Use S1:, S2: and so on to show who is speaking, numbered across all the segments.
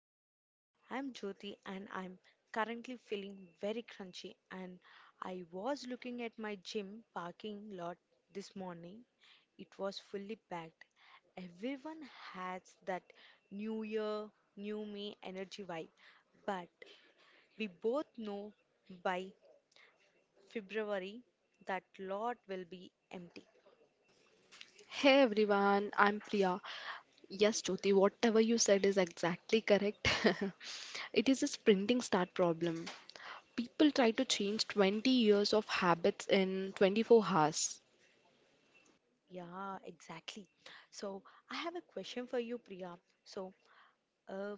S1: Bus. I'm Jyoti and I'm currently feeling very crunchy and I was looking at my gym parking lot this morning. It was fully packed. Everyone has that new year, new me energy vibe, but we both know by February that lot will be empty.
S2: Hey everyone, I'm Priya. Yes, Jyoti, whatever you said is exactly correct. It is a sprinting start problem. People try to change 20 years of habits in 24 hours.
S1: Yeah, exactly. So I have a question for you, Priya. So, Uh,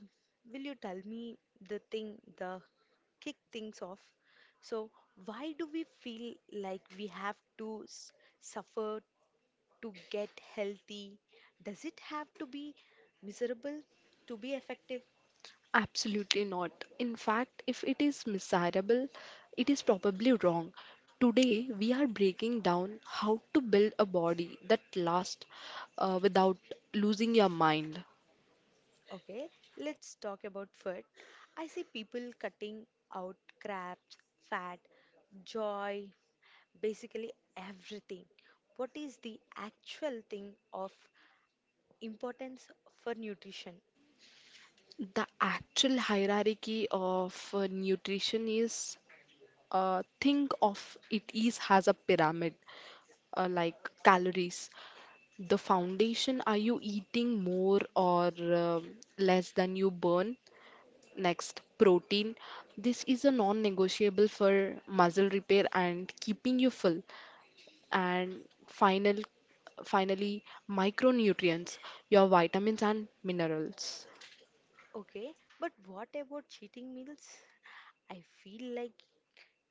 S1: will you tell me the thing, the kick things off? So, why do we feel like we have to suffer to get healthy? Does it have to be miserable to be effective?
S2: Absolutely not. In fact, if it is miserable, it is probably wrong. Today, we are breaking down how to build a body that lasts without losing your mind.
S1: Okay, let's talk about food. I see people cutting out crabs, fat, joy, basically everything. What is the actual thing of importance for nutrition?
S2: The actual hierarchy of nutrition is, think of it is as a pyramid, like calories. The foundation, are you eating more or less than you burn? Next, protein. This is a non-negotiable for muscle repair and keeping you full. And final, finally, micronutrients, your vitamins and minerals.
S1: Okay, but what about cheating meals? I feel like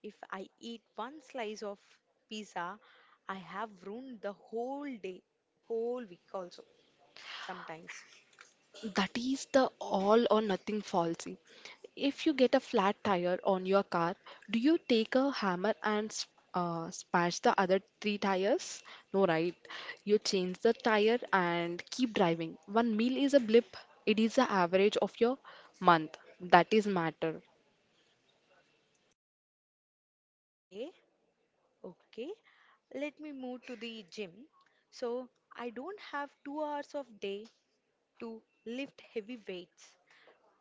S1: if I eat one slice of pizza, I have ruined the whole day, whole week also sometimes.
S2: That is the all or nothing fallacy. If you get a flat tire on your car, do you take a hammer and smash the other three tires? No, right? You change the tire and keep driving. One meal is a blip. It is the average of your month. That is matter.
S1: Okay, okay. Let me move to the gym. So I don't have 2 hours of day to lift heavy weights.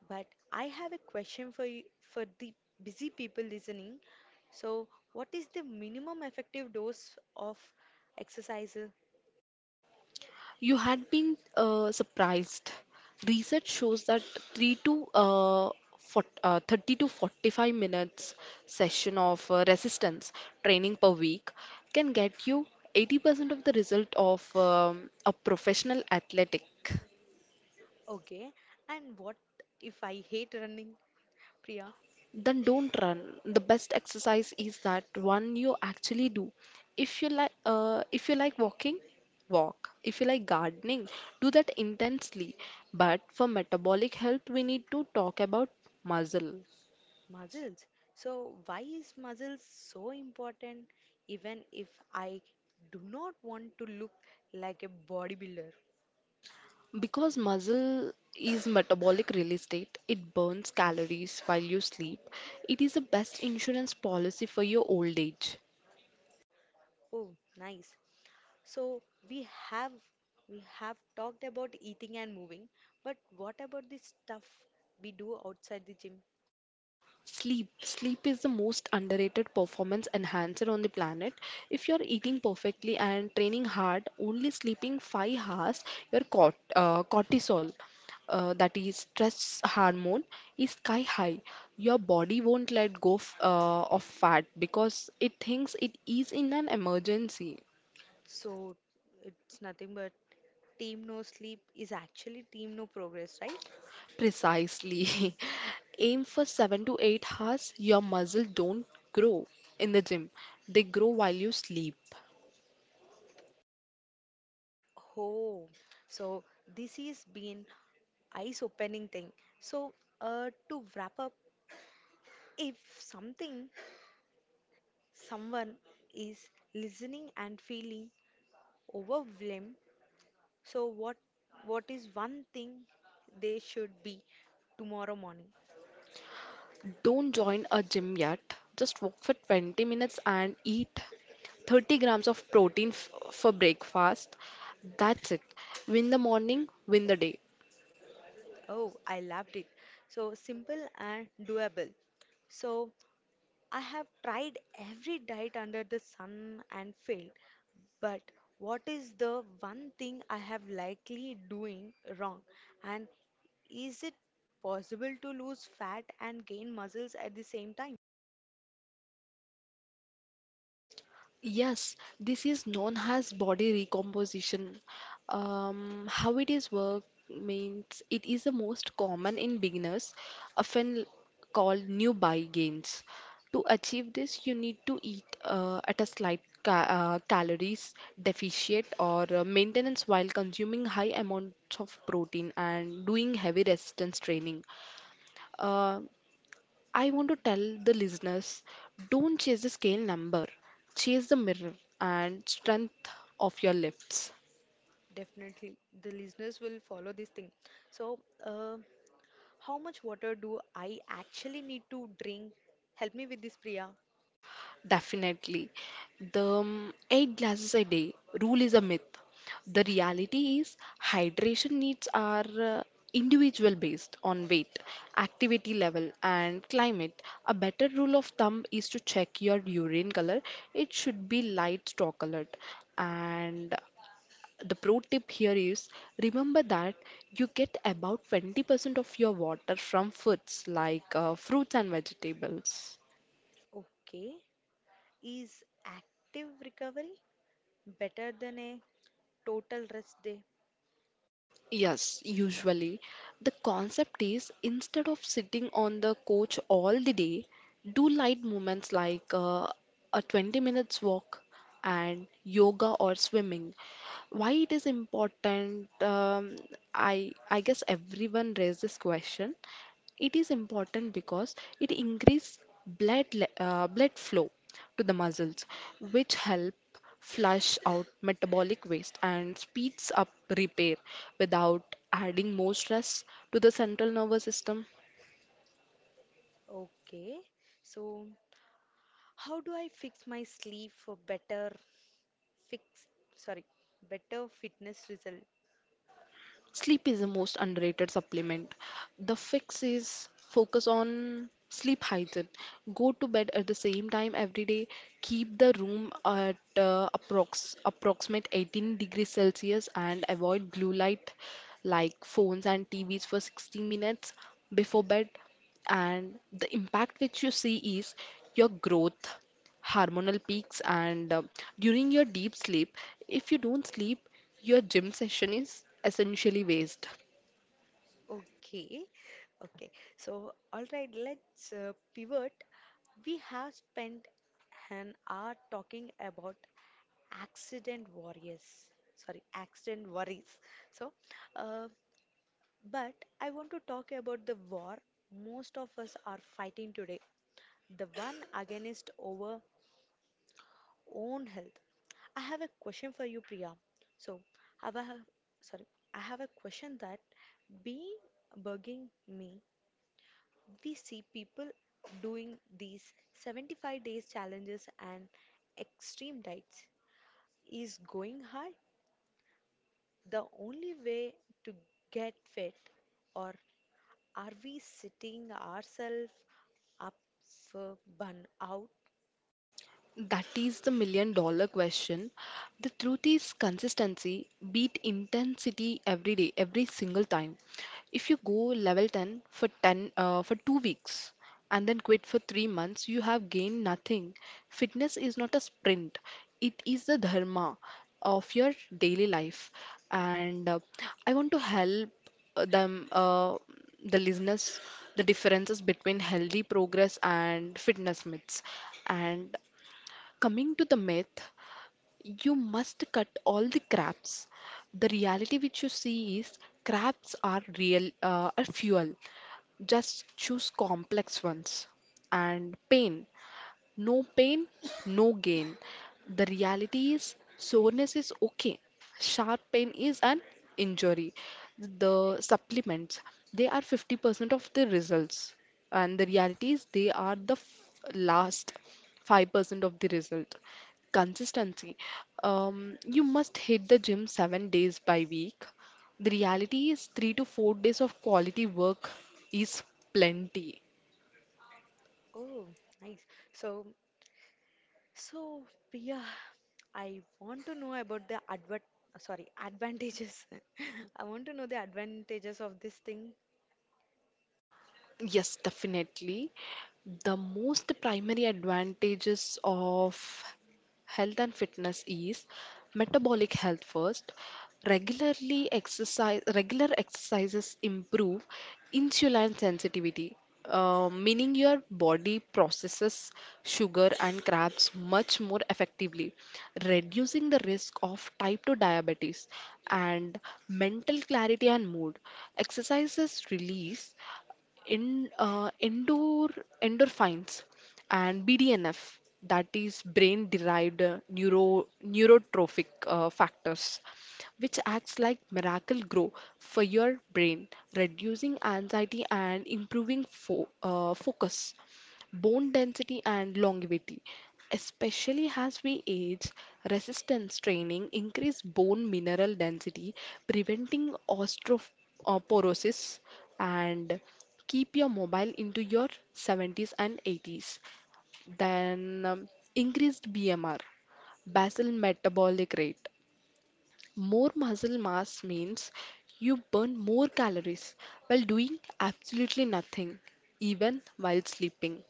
S1: But I have a question for you, for the busy people listening. So what is the minimum effective dose of exercise?
S2: You had been surprised. Research shows that 3 to uh, 40, uh, 30 to 45 minutes session of resistance training per week can get you 80% of the result of a professional athletic.
S1: Okay, and what if I hate running, Priya?
S2: Then don't run. The best exercise is that one you actually do. If you like walking, walk. If you like gardening, do that intensely. But for metabolic health, we need to talk about muscle,
S1: Muscles. So, why is muscles so important even if I do not want to look like a bodybuilder?
S2: because muscle is metabolic real estate. It burns calories while you sleep. It is the best insurance policy for your old age.
S1: Oh, nice. So, we have we have talked about eating and moving, but what about the stuff we do outside the gym?
S2: Sleep. Sleep is the most underrated performance enhancer on the planet. If you're eating perfectly and training hard, only sleeping 5 hours, your cortisol, that is stress hormone, is sky high. Your body won't let go f of fat because it thinks it is in an emergency.
S1: So, it's nothing but team no sleep is actually team no progress, right?
S2: Precisely. Aim for 7 to 8 hours, your muscle don't grow in the gym. They grow while you sleep.
S1: Oh, so this has been eyes opening thing. So, to wrap up, if someone is listening and feeling overwhelmed, so what is one thing they should be tomorrow morning?
S2: Don't join a gym yet. Just walk for 20 minutes and eat 30 grams of protein for breakfast. That's it. Win the morning, win the day.
S1: Oh, I loved it. So simple and doable. So I have tried every diet under the sun and failed. But what is the one thing I have likely doing wrong? And is it possible to lose fat and gain muscles at the same time?
S2: Yes, this is known as body recomposition. How it is work means it is the most common in beginners, often called new buy gains. To achieve this, you need to eat at a slight ca calories deficit or maintenance while consuming high amounts of protein and doing heavy resistance training. Uh, I want to tell the listeners, don't chase the scale number, chase the mirror and strength of your lifts.
S1: Definitely, the listeners will follow this thing. So, uh, how much water do I actually need to drink? Help me with this, Priya.
S2: Definitely. The eight glasses a day rule is a myth. The reality is, hydration needs are individual based on weight, activity level, and climate. A better rule of thumb is to check your urine color, it should be light straw colored, and the pro tip here is, remember that you get about 20% of your water from foods like fruits and vegetables.
S1: Okay, is active recovery better than a total rest day?
S2: Yes, usually. The concept is, instead of sitting on the couch all the day, do light movements like a 20 minutes walk and yoga or swimming. Why it is important? I guess everyone raised this question. It is important because it increases blood flow to the muscles, which help flush out metabolic waste, and speeds up repair without adding more stress to the central nervous system.
S1: Okay, so how do I fix my sleep for better fix, sorry, better fitness result?
S2: Sleep is the most underrated supplement. The fix is focus on sleep hygiene. Go to bed at the same time every day. Keep the room at approximate 18 degrees Celsius and avoid blue light like phones and TVs for 60 minutes before bed. And the impact which you see is your growth hormonal peaks, and during your deep sleep if you don't sleep your gym session is essentially waste.
S1: Okay, okay. So all right, let's pivot. We have spent an hour talking about accident warriors, sorry, accident worries. So, uh, but I want to talk about the war most of us are fighting today, the one against our own health. I have a question for you, Priya. So, have I have, sorry, I have a question that being bugging me. We see people doing these 75 days challenges and extreme diets. Is going hard the only way to get fit, or are we setting ourselves up for burnout?
S2: That is the million dollar question. The truth is consistency beat intensity every day, every single time. If you go level 10 for 10 uh, for 2 weeks and then quit for 3 months, you have gained nothing. Fitness is not a sprint. It is the dharma of your daily life. And I want to help uh, them uh, the listeners the differences between healthy progress and fitness myths, and coming to the myth, you must cut all the crabs. The reality which you see is are fuel. Just choose complex ones. And pain. No pain, no gain. The reality is, soreness is okay. Sharp pain is an injury. The supplements, they are 50% of the results. And the reality is, they are the last 5% of the result. Consistency. You must hit the gym 7 days by week. The reality is, 3 to 4 days of quality work is plenty.
S1: Oh, nice. So, So, Priya, I want to know about the advert, sorry, advantages. I want to know the advantages of this thing.
S2: Yes, definitely. The most primary advantages of health and fitness is metabolic health first. Regular exercises improve insulin sensitivity, meaning your body processes sugar and carbs much more effectively, reducing the risk of type 2 diabetes and mental clarity and mood. Exercises release in endor endorphins and BDNF, that is brain-derived neurotrophic factors, which acts like miracle grow for your brain, reducing anxiety and improving fo focus, bone density and longevity. Especially as we age, resistance training increase bone mineral density, preventing osteoporosis and keep your mobile into your 70s and 80s. Then increased BMR, basal metabolic rate. More muscle mass means you burn more calories while doing absolutely nothing, even while sleeping.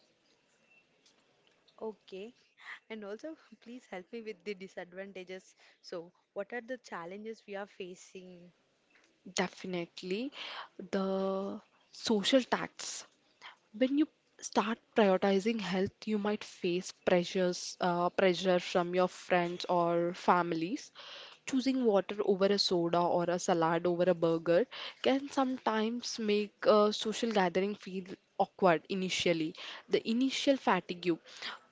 S1: Okay. And also, please help me with the disadvantages. So, what are the challenges we are facing?
S2: Definitely. The social tax. When you start prioritizing health, you might face pressure from your friends or families. Choosing water over a soda or a salad over a burger can sometimes make a social gathering feel awkward initially. The initial fatigue,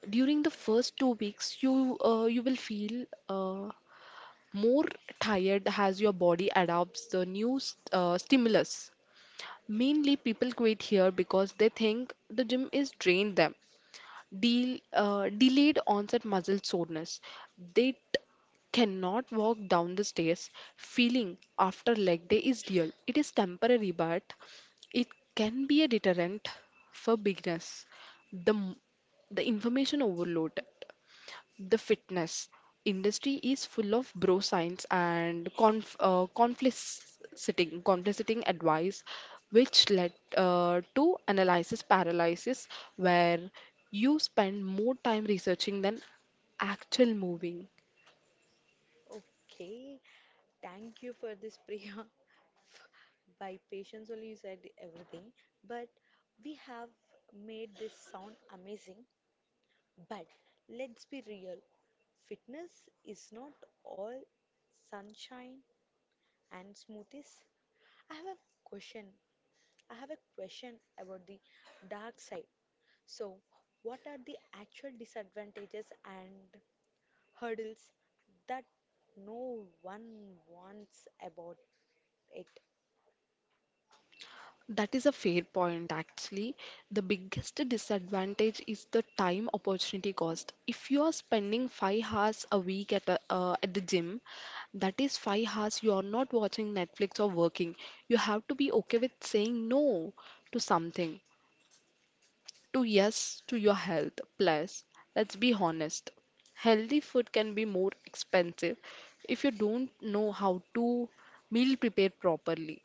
S2: during the first 2 weeks you you will feel more tired as your body adopts the new stimulus. Mainly, people quit here because they think the gym is drained them. Delayed onset muscle soreness. They t- cannot walk down the stairs. Feeling after leg day is real. It is temporary, but it can be a deterrent for beginners. The m- the information overload. The fitness industry is full of bro science and conflicting advice, which led to analysis paralysis, where you spend more time researching than actual moving.
S1: Okay. Thank you for this, Priya. By patience only you said everything, but we have made this sound amazing. But let's be real, fitness is not all sunshine and smoothies. I have a question. I have a question about the dark side. So, what are the actual disadvantages and hurdles that no one wants about it?
S2: That is a fair point, actually. The biggest disadvantage is the time opportunity cost. If you are spending 5 hours a week at the gym, that is 5 hours you are not watching Netflix or working. You have to be okay with saying no to something, to yes to your health. Plus, let's be honest, healthy food can be more expensive if you don't know how to meal prepare properly.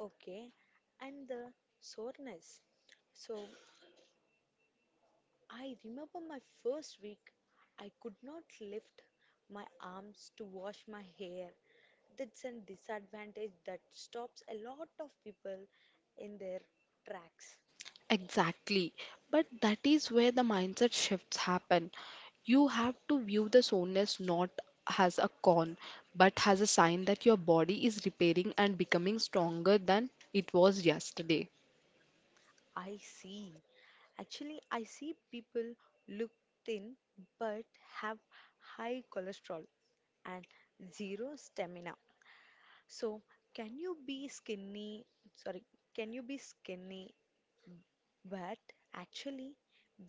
S1: Okay, and the soreness. So, I remember my first week, I could not lift my arms to wash my hair. That's a disadvantage that stops a lot of people in their tracks.
S2: Exactly. But that is where the mindset shifts happen. You have to view the soreness not as a con, but as a sign that your body is repairing and becoming stronger than it was yesterday.
S1: I see. Actually, I see people look thin but have high cholesterol and zero stamina. So, can you be skinny? Sorry, can you be skinny but actually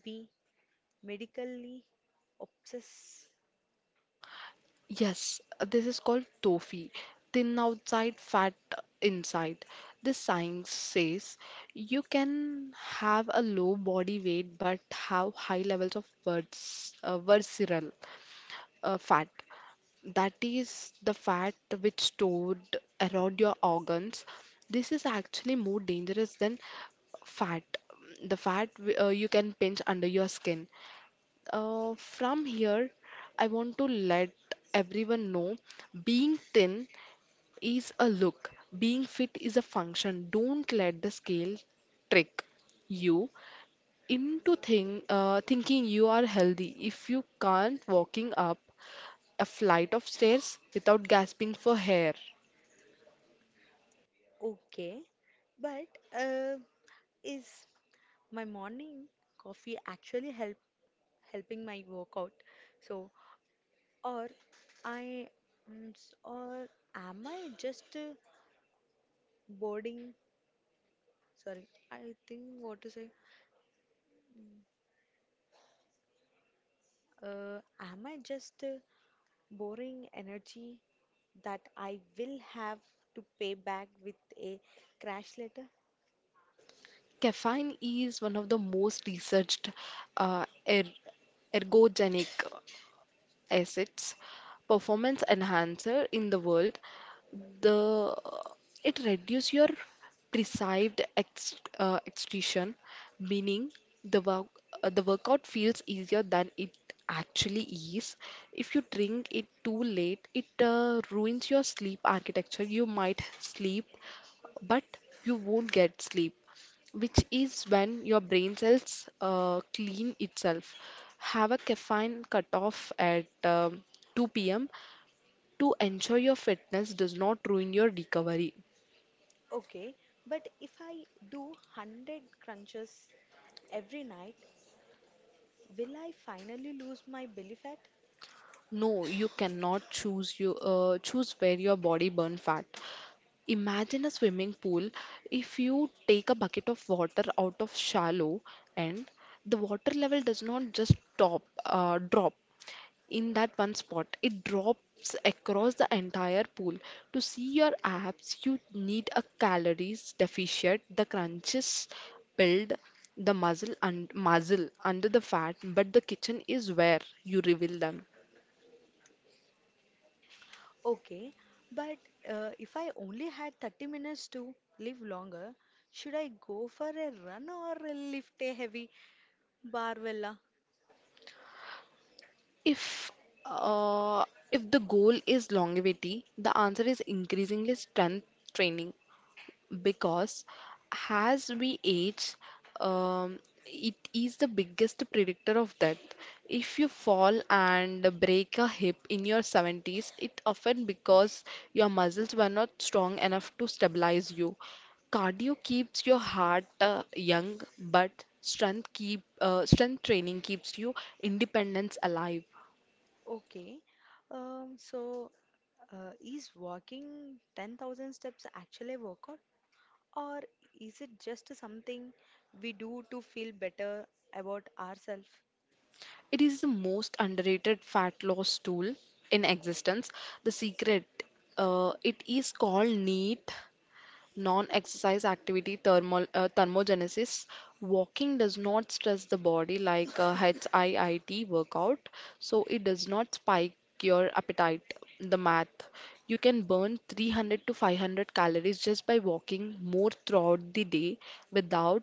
S1: be medically obsessed?
S2: Yes, this is called tofi. Thin outside, fat inside. This science says you can have a low body weight but have high levels of visceral fat. That is the fat which stored around your organs. This is actually more dangerous than fat. The fat you can pinch under your skin. From here, I want to let everyone know, being thin is a look, being fit is a function. Don't let the scale trick you into thinking you are healthy if you can't walking up a flight of stairs without gasping for air.
S1: Okay, but uh, is my morning coffee actually helping my workout? So, or I mm, s- or am I just boarding? Sorry, I think what to say. Am I just boring energy that I will have to pay back with a crash letter?
S2: Caffeine is one of the most researched uh, er ergogenic as its performance enhancer in the world. The it reduces your perceived extinction, meaning the work the workout feels easier than it actually is. If you drink it too late, it ruins your sleep architecture. You might sleep, but you won't get sleep, which is when your brain cells clean itself. Have a caffeine cutoff at 2 p.m. to ensure your fitness does not ruin your recovery.
S1: Okay, but if I do 100 crunches every night, will I finally lose my belly fat?
S2: No, you cannot choose where your body burn fat. Imagine a swimming pool. If you take a bucket of water out of shallow, and the water level does not just top drop in that one spot. It drops across the entire pool. To see your abs, you need a calories deficient. The crunches build the muscle and muscle under the fat, but the kitchen is where you reveal them.
S1: Okay, but if I only had 30 minutes to live longer, should I go for a run or a lift a heavy barbella?
S2: If uh, if the goal is longevity, the answer is increasingly strength training because as we age, um, it is the biggest predictor of death. If you fall and break a hip in your 70s, it often because your muscles were not strong enough to stabilize you. Cardio keeps your heart young, but strength training keeps you independence alive.
S1: Okay, so is walking 10,000 steps actually a workout, or is it just something we do to feel better about ourselves?
S2: It is the most underrated fat loss tool in existence. The secret, it is called NEAT, non-exercise activity thermogenesis. Walking does not stress the body like a HIIT workout, so it does not spike your appetite. The math, you can burn 300 to 500 calories just by walking more throughout the day without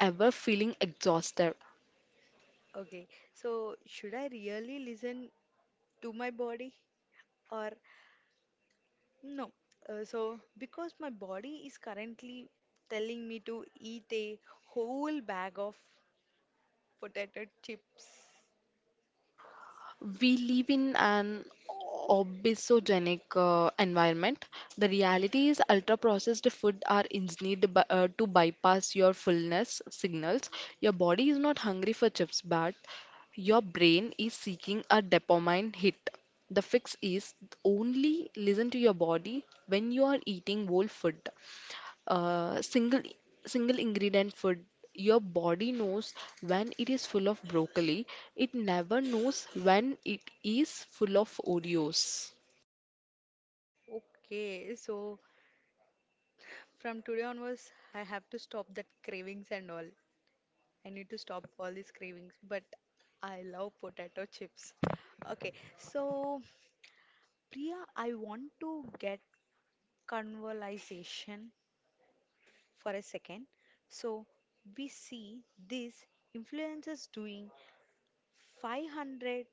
S2: ever feeling exhausted.
S1: Okay, so should I really listen to my body or no? So, because my body is currently telling me to eat a whole bag of potato chips.
S2: We live in an obesogenic environment. The reality is, ultra processed food are engineered to bypass your fullness signals. Your body is not hungry for chips, but your brain is seeking a dopamine hit. The fix is only listen to your body when you are eating whole food. Uh, single single ingredient food. Your body knows when it is full of broccoli. It never knows when it is full of Oreos.
S1: Okay, so from today onwards, I have to stop that cravings and all. I need to stop all these cravings, but I love potato chips. Okay, so Priya, I want to get conversation for a second. So we see these influencers doing 500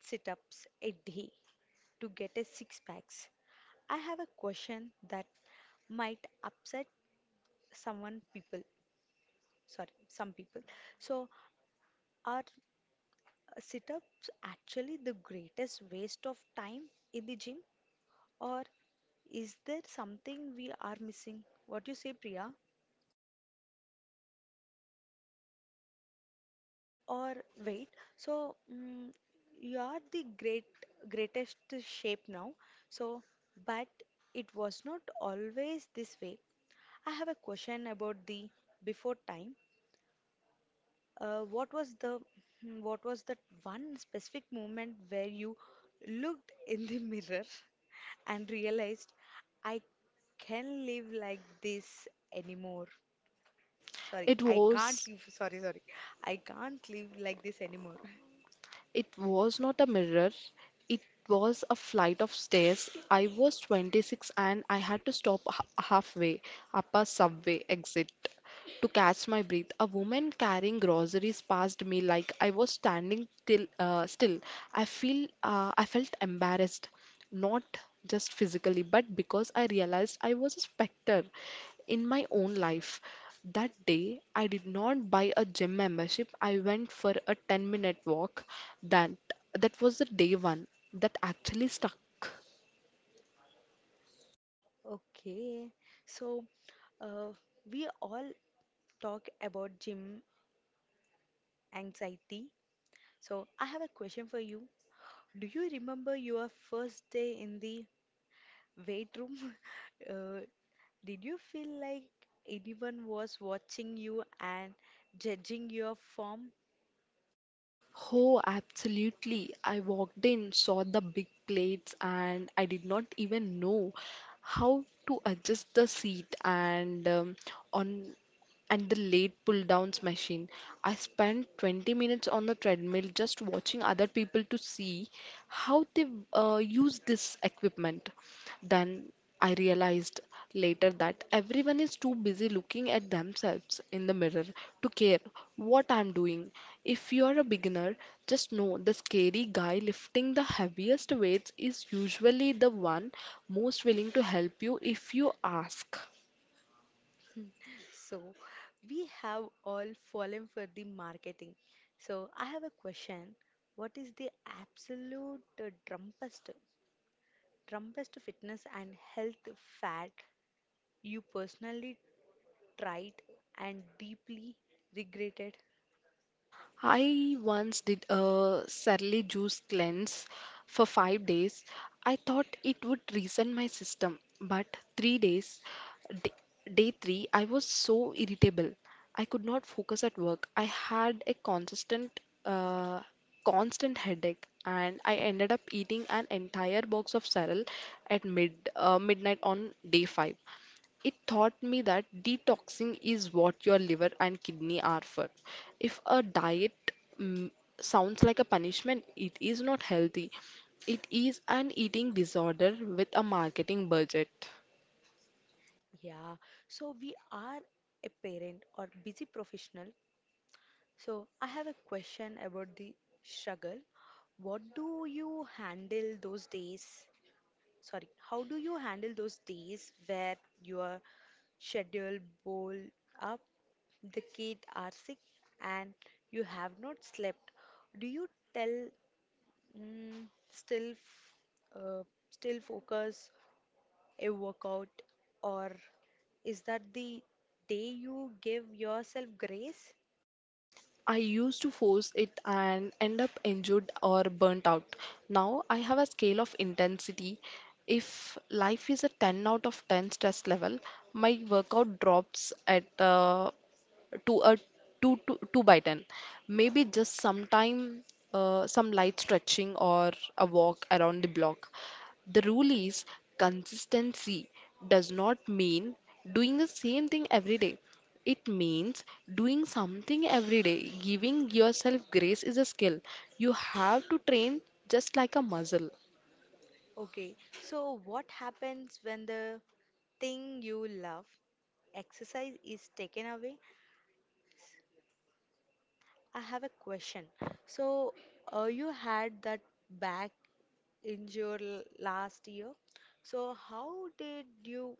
S1: sit ups a day to get a six packs. I have a question that might upset someone people, sorry, some people. So are sit ups actually the greatest waste of time in the gym, or is there something we are missing? What do you say, Priya? Or wait, so you are the greatest shape now. So, but it was not always this way. I have a question about the before time. What was the what was that one specific moment where you looked in the mirror and realized I can live like this anymore. Sorry,
S2: It
S1: I can't
S2: was.
S1: live. Sorry, sorry. I can't live like this anymore.
S2: It was not a mirror, it was a flight of stairs. I was 26 and I had to stop halfway up a subway exit to catch my breath. A woman carrying groceries passed me like I was still. I felt embarrassed not just physically, but because I realized I was a specter in my own life. That day, I did not buy a gym membership. I went for a 10-minute minute walk. That that was the day one that actually stuck.
S1: Okay, so uh, we all talk about gym anxiety. So I have a question for you. Do you remember your first day in the weight room? Uh, did you feel like anyone was watching you and judging your form?
S2: Oh, absolutely. I walked in, saw the big plates, and I did not even know how to adjust the seat and on and the late pull downs machine. I spent 20 minutes on the treadmill just watching other people to see how they use this equipment. Then I realized later that everyone is too busy looking at themselves in the mirror to care what I'm doing. If you are a beginner, just know the scary guy lifting the heaviest weights is usually the one most willing to help you if you ask.
S1: So we have all fallen for the marketing. So I have a question. What is the absolute drumpest, Trumpest fitness and health fad you personally tried and deeply regretted?
S2: I once did a surly juice cleanse for 5 days. I thought it would reset my system, but d- day three, I was so irritable. I could not focus at work. I had a uh, constant headache, and I ended up eating an entire box of cereal at midnight on day five. It taught me that detoxing is what your liver and kidney are for. If a diet mm, sounds like a punishment, it is not healthy. It is an eating disorder with a marketing budget.
S1: Yeah, so we are a parent or busy professional. So I have a question about the struggle. What do you handle those days? Sorry, how do you handle those days where your schedule bowl up, the kid are sick, and you have not slept? Do you tell, Mm, still, f- uh, still focus a workout, or is that the day you give yourself grace?
S2: I used to force it and end up injured or burnt out. Now I have a scale of intensity. If life is a 10 out of 10 stress level, my workout drops at to a 2 to 2 by 10, maybe just some light stretching or a walk around the block. The rule is consistency does not mean doing the same thing every day, it means doing something every day. Giving yourself grace is a skill you have to train, just like a muscle.
S1: Okay, so what happens when the thing you love, exercise, is taken away? I have a question. So, you had that back injury last year. So, how did you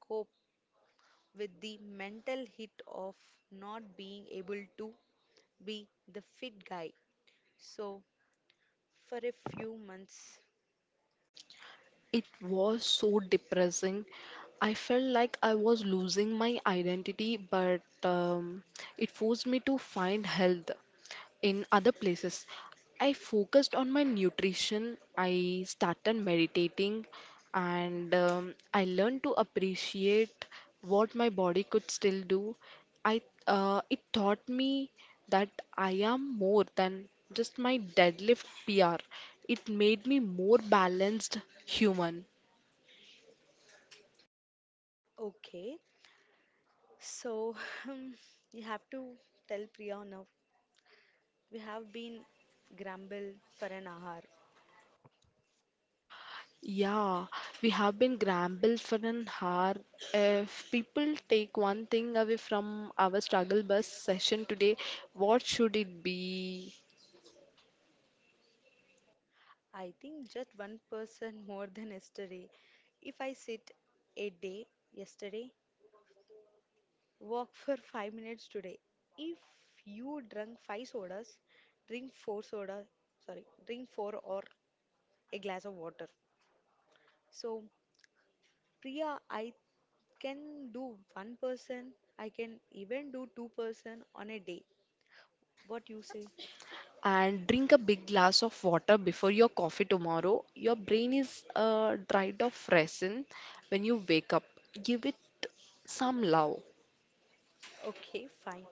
S1: cope with the mental hit of not being able to be the fit guy? So, for a few months,
S2: It was so depressing. I felt like I was losing my identity, but it forced me to find health in other places. I focused on my nutrition, I started meditating, and I learned to appreciate what my body could still do. I It taught me that I am more than just my deadlift PR. It made me more balanced human.
S1: okay. So, um, you have to tell Priya now. We have been grumble for an hour.
S2: Yeah, we have been grumbled for an hour. If people take one thing away from our struggle bus session today, what should it be?
S1: I think just one person more than yesterday. If I sit a day yesterday, walk for 5 minutes today. If you drink five sodas, drink four soda, sorry, drink four or a glass of water. So, Priya, I can do one person, I can even do two person on a day. What you say?
S2: And drink a big glass of water before your coffee tomorrow. Your brain is dried of resin when you wake up. Give it some love.
S1: Okay, fine.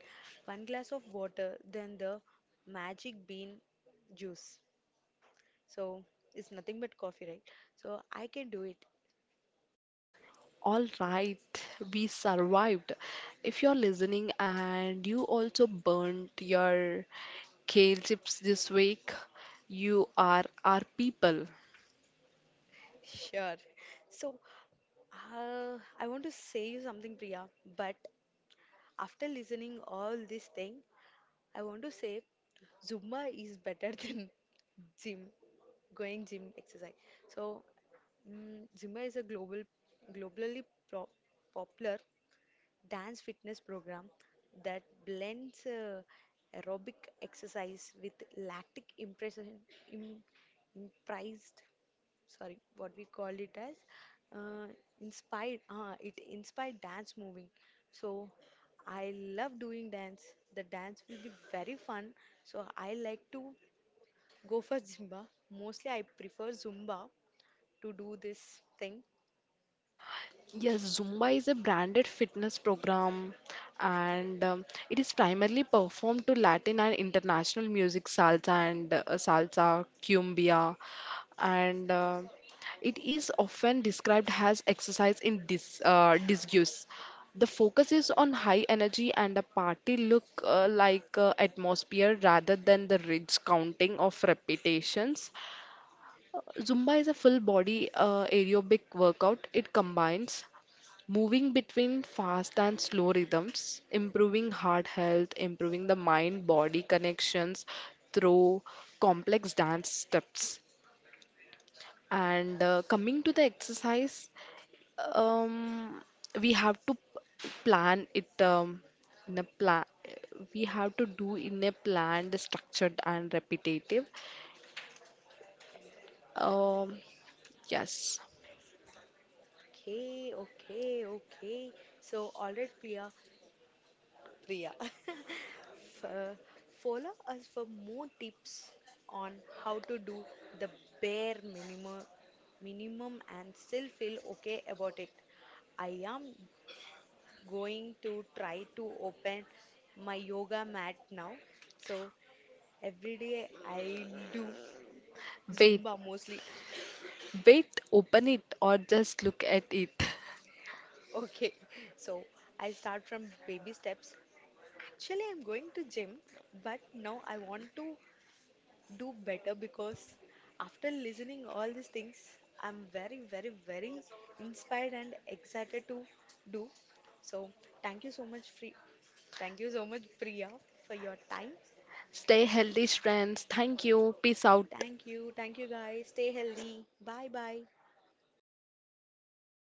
S1: One glass of water, then the magic bean juice. So, it's nothing but coffee, right? So, I can do it.
S2: All right, we survived. If you're listening and you also burnt your kale chips this week, you are our people.
S1: Sure. So, I want to say you something, Priya, but after listening all this thing, I want to say Zumba is better than gym, going gym exercise. So Zumba is a globally pro- popular dance fitness program that blends aerobic exercise with lactic impression, Im- impressed, sorry, what we called it as uh, inspired. It inspired dance moving. So I love doing dance. The dance will be very fun. So I like to go for Zumba. Mostly I prefer Zumba to do this thing.
S2: Yes, Zumba is a branded fitness program and it is primarily performed to Latin and international music, salsa, cumbia, and it is often described as exercise in disguise. The focus is on high energy and a party look like atmosphere rather than the ridge counting of repetitions. Zumba is a full body aerobic workout. It combines moving between fast and slow rhythms, improving heart health, improving the mind body connections through complex dance steps. And coming to the exercise, um, we have to plan it in a plan. We have to do in a planned, structured, and repetitive. Um, yes.
S1: Okay, okay, okay. So all right, Priya. Priya. F- follow us for more tips on how to do the bare minimum and still feel okay about it. I am going to try to open my yoga mat now. So every day I do
S2: Wait,
S1: Zumba mostly.
S2: wait, open it or just look at it.
S1: Okay. So I start from baby steps. Actually, I'm going to gym, but now I want to do better because after listening all these things, I'm very, very, very inspired and excited to do. So thank you so much, free, thank you so much, Priya, for your time.
S2: Stay healthy, friends. Thank you. Peace out.
S1: Thank you. Thank you, guys. Stay healthy. Bye bye.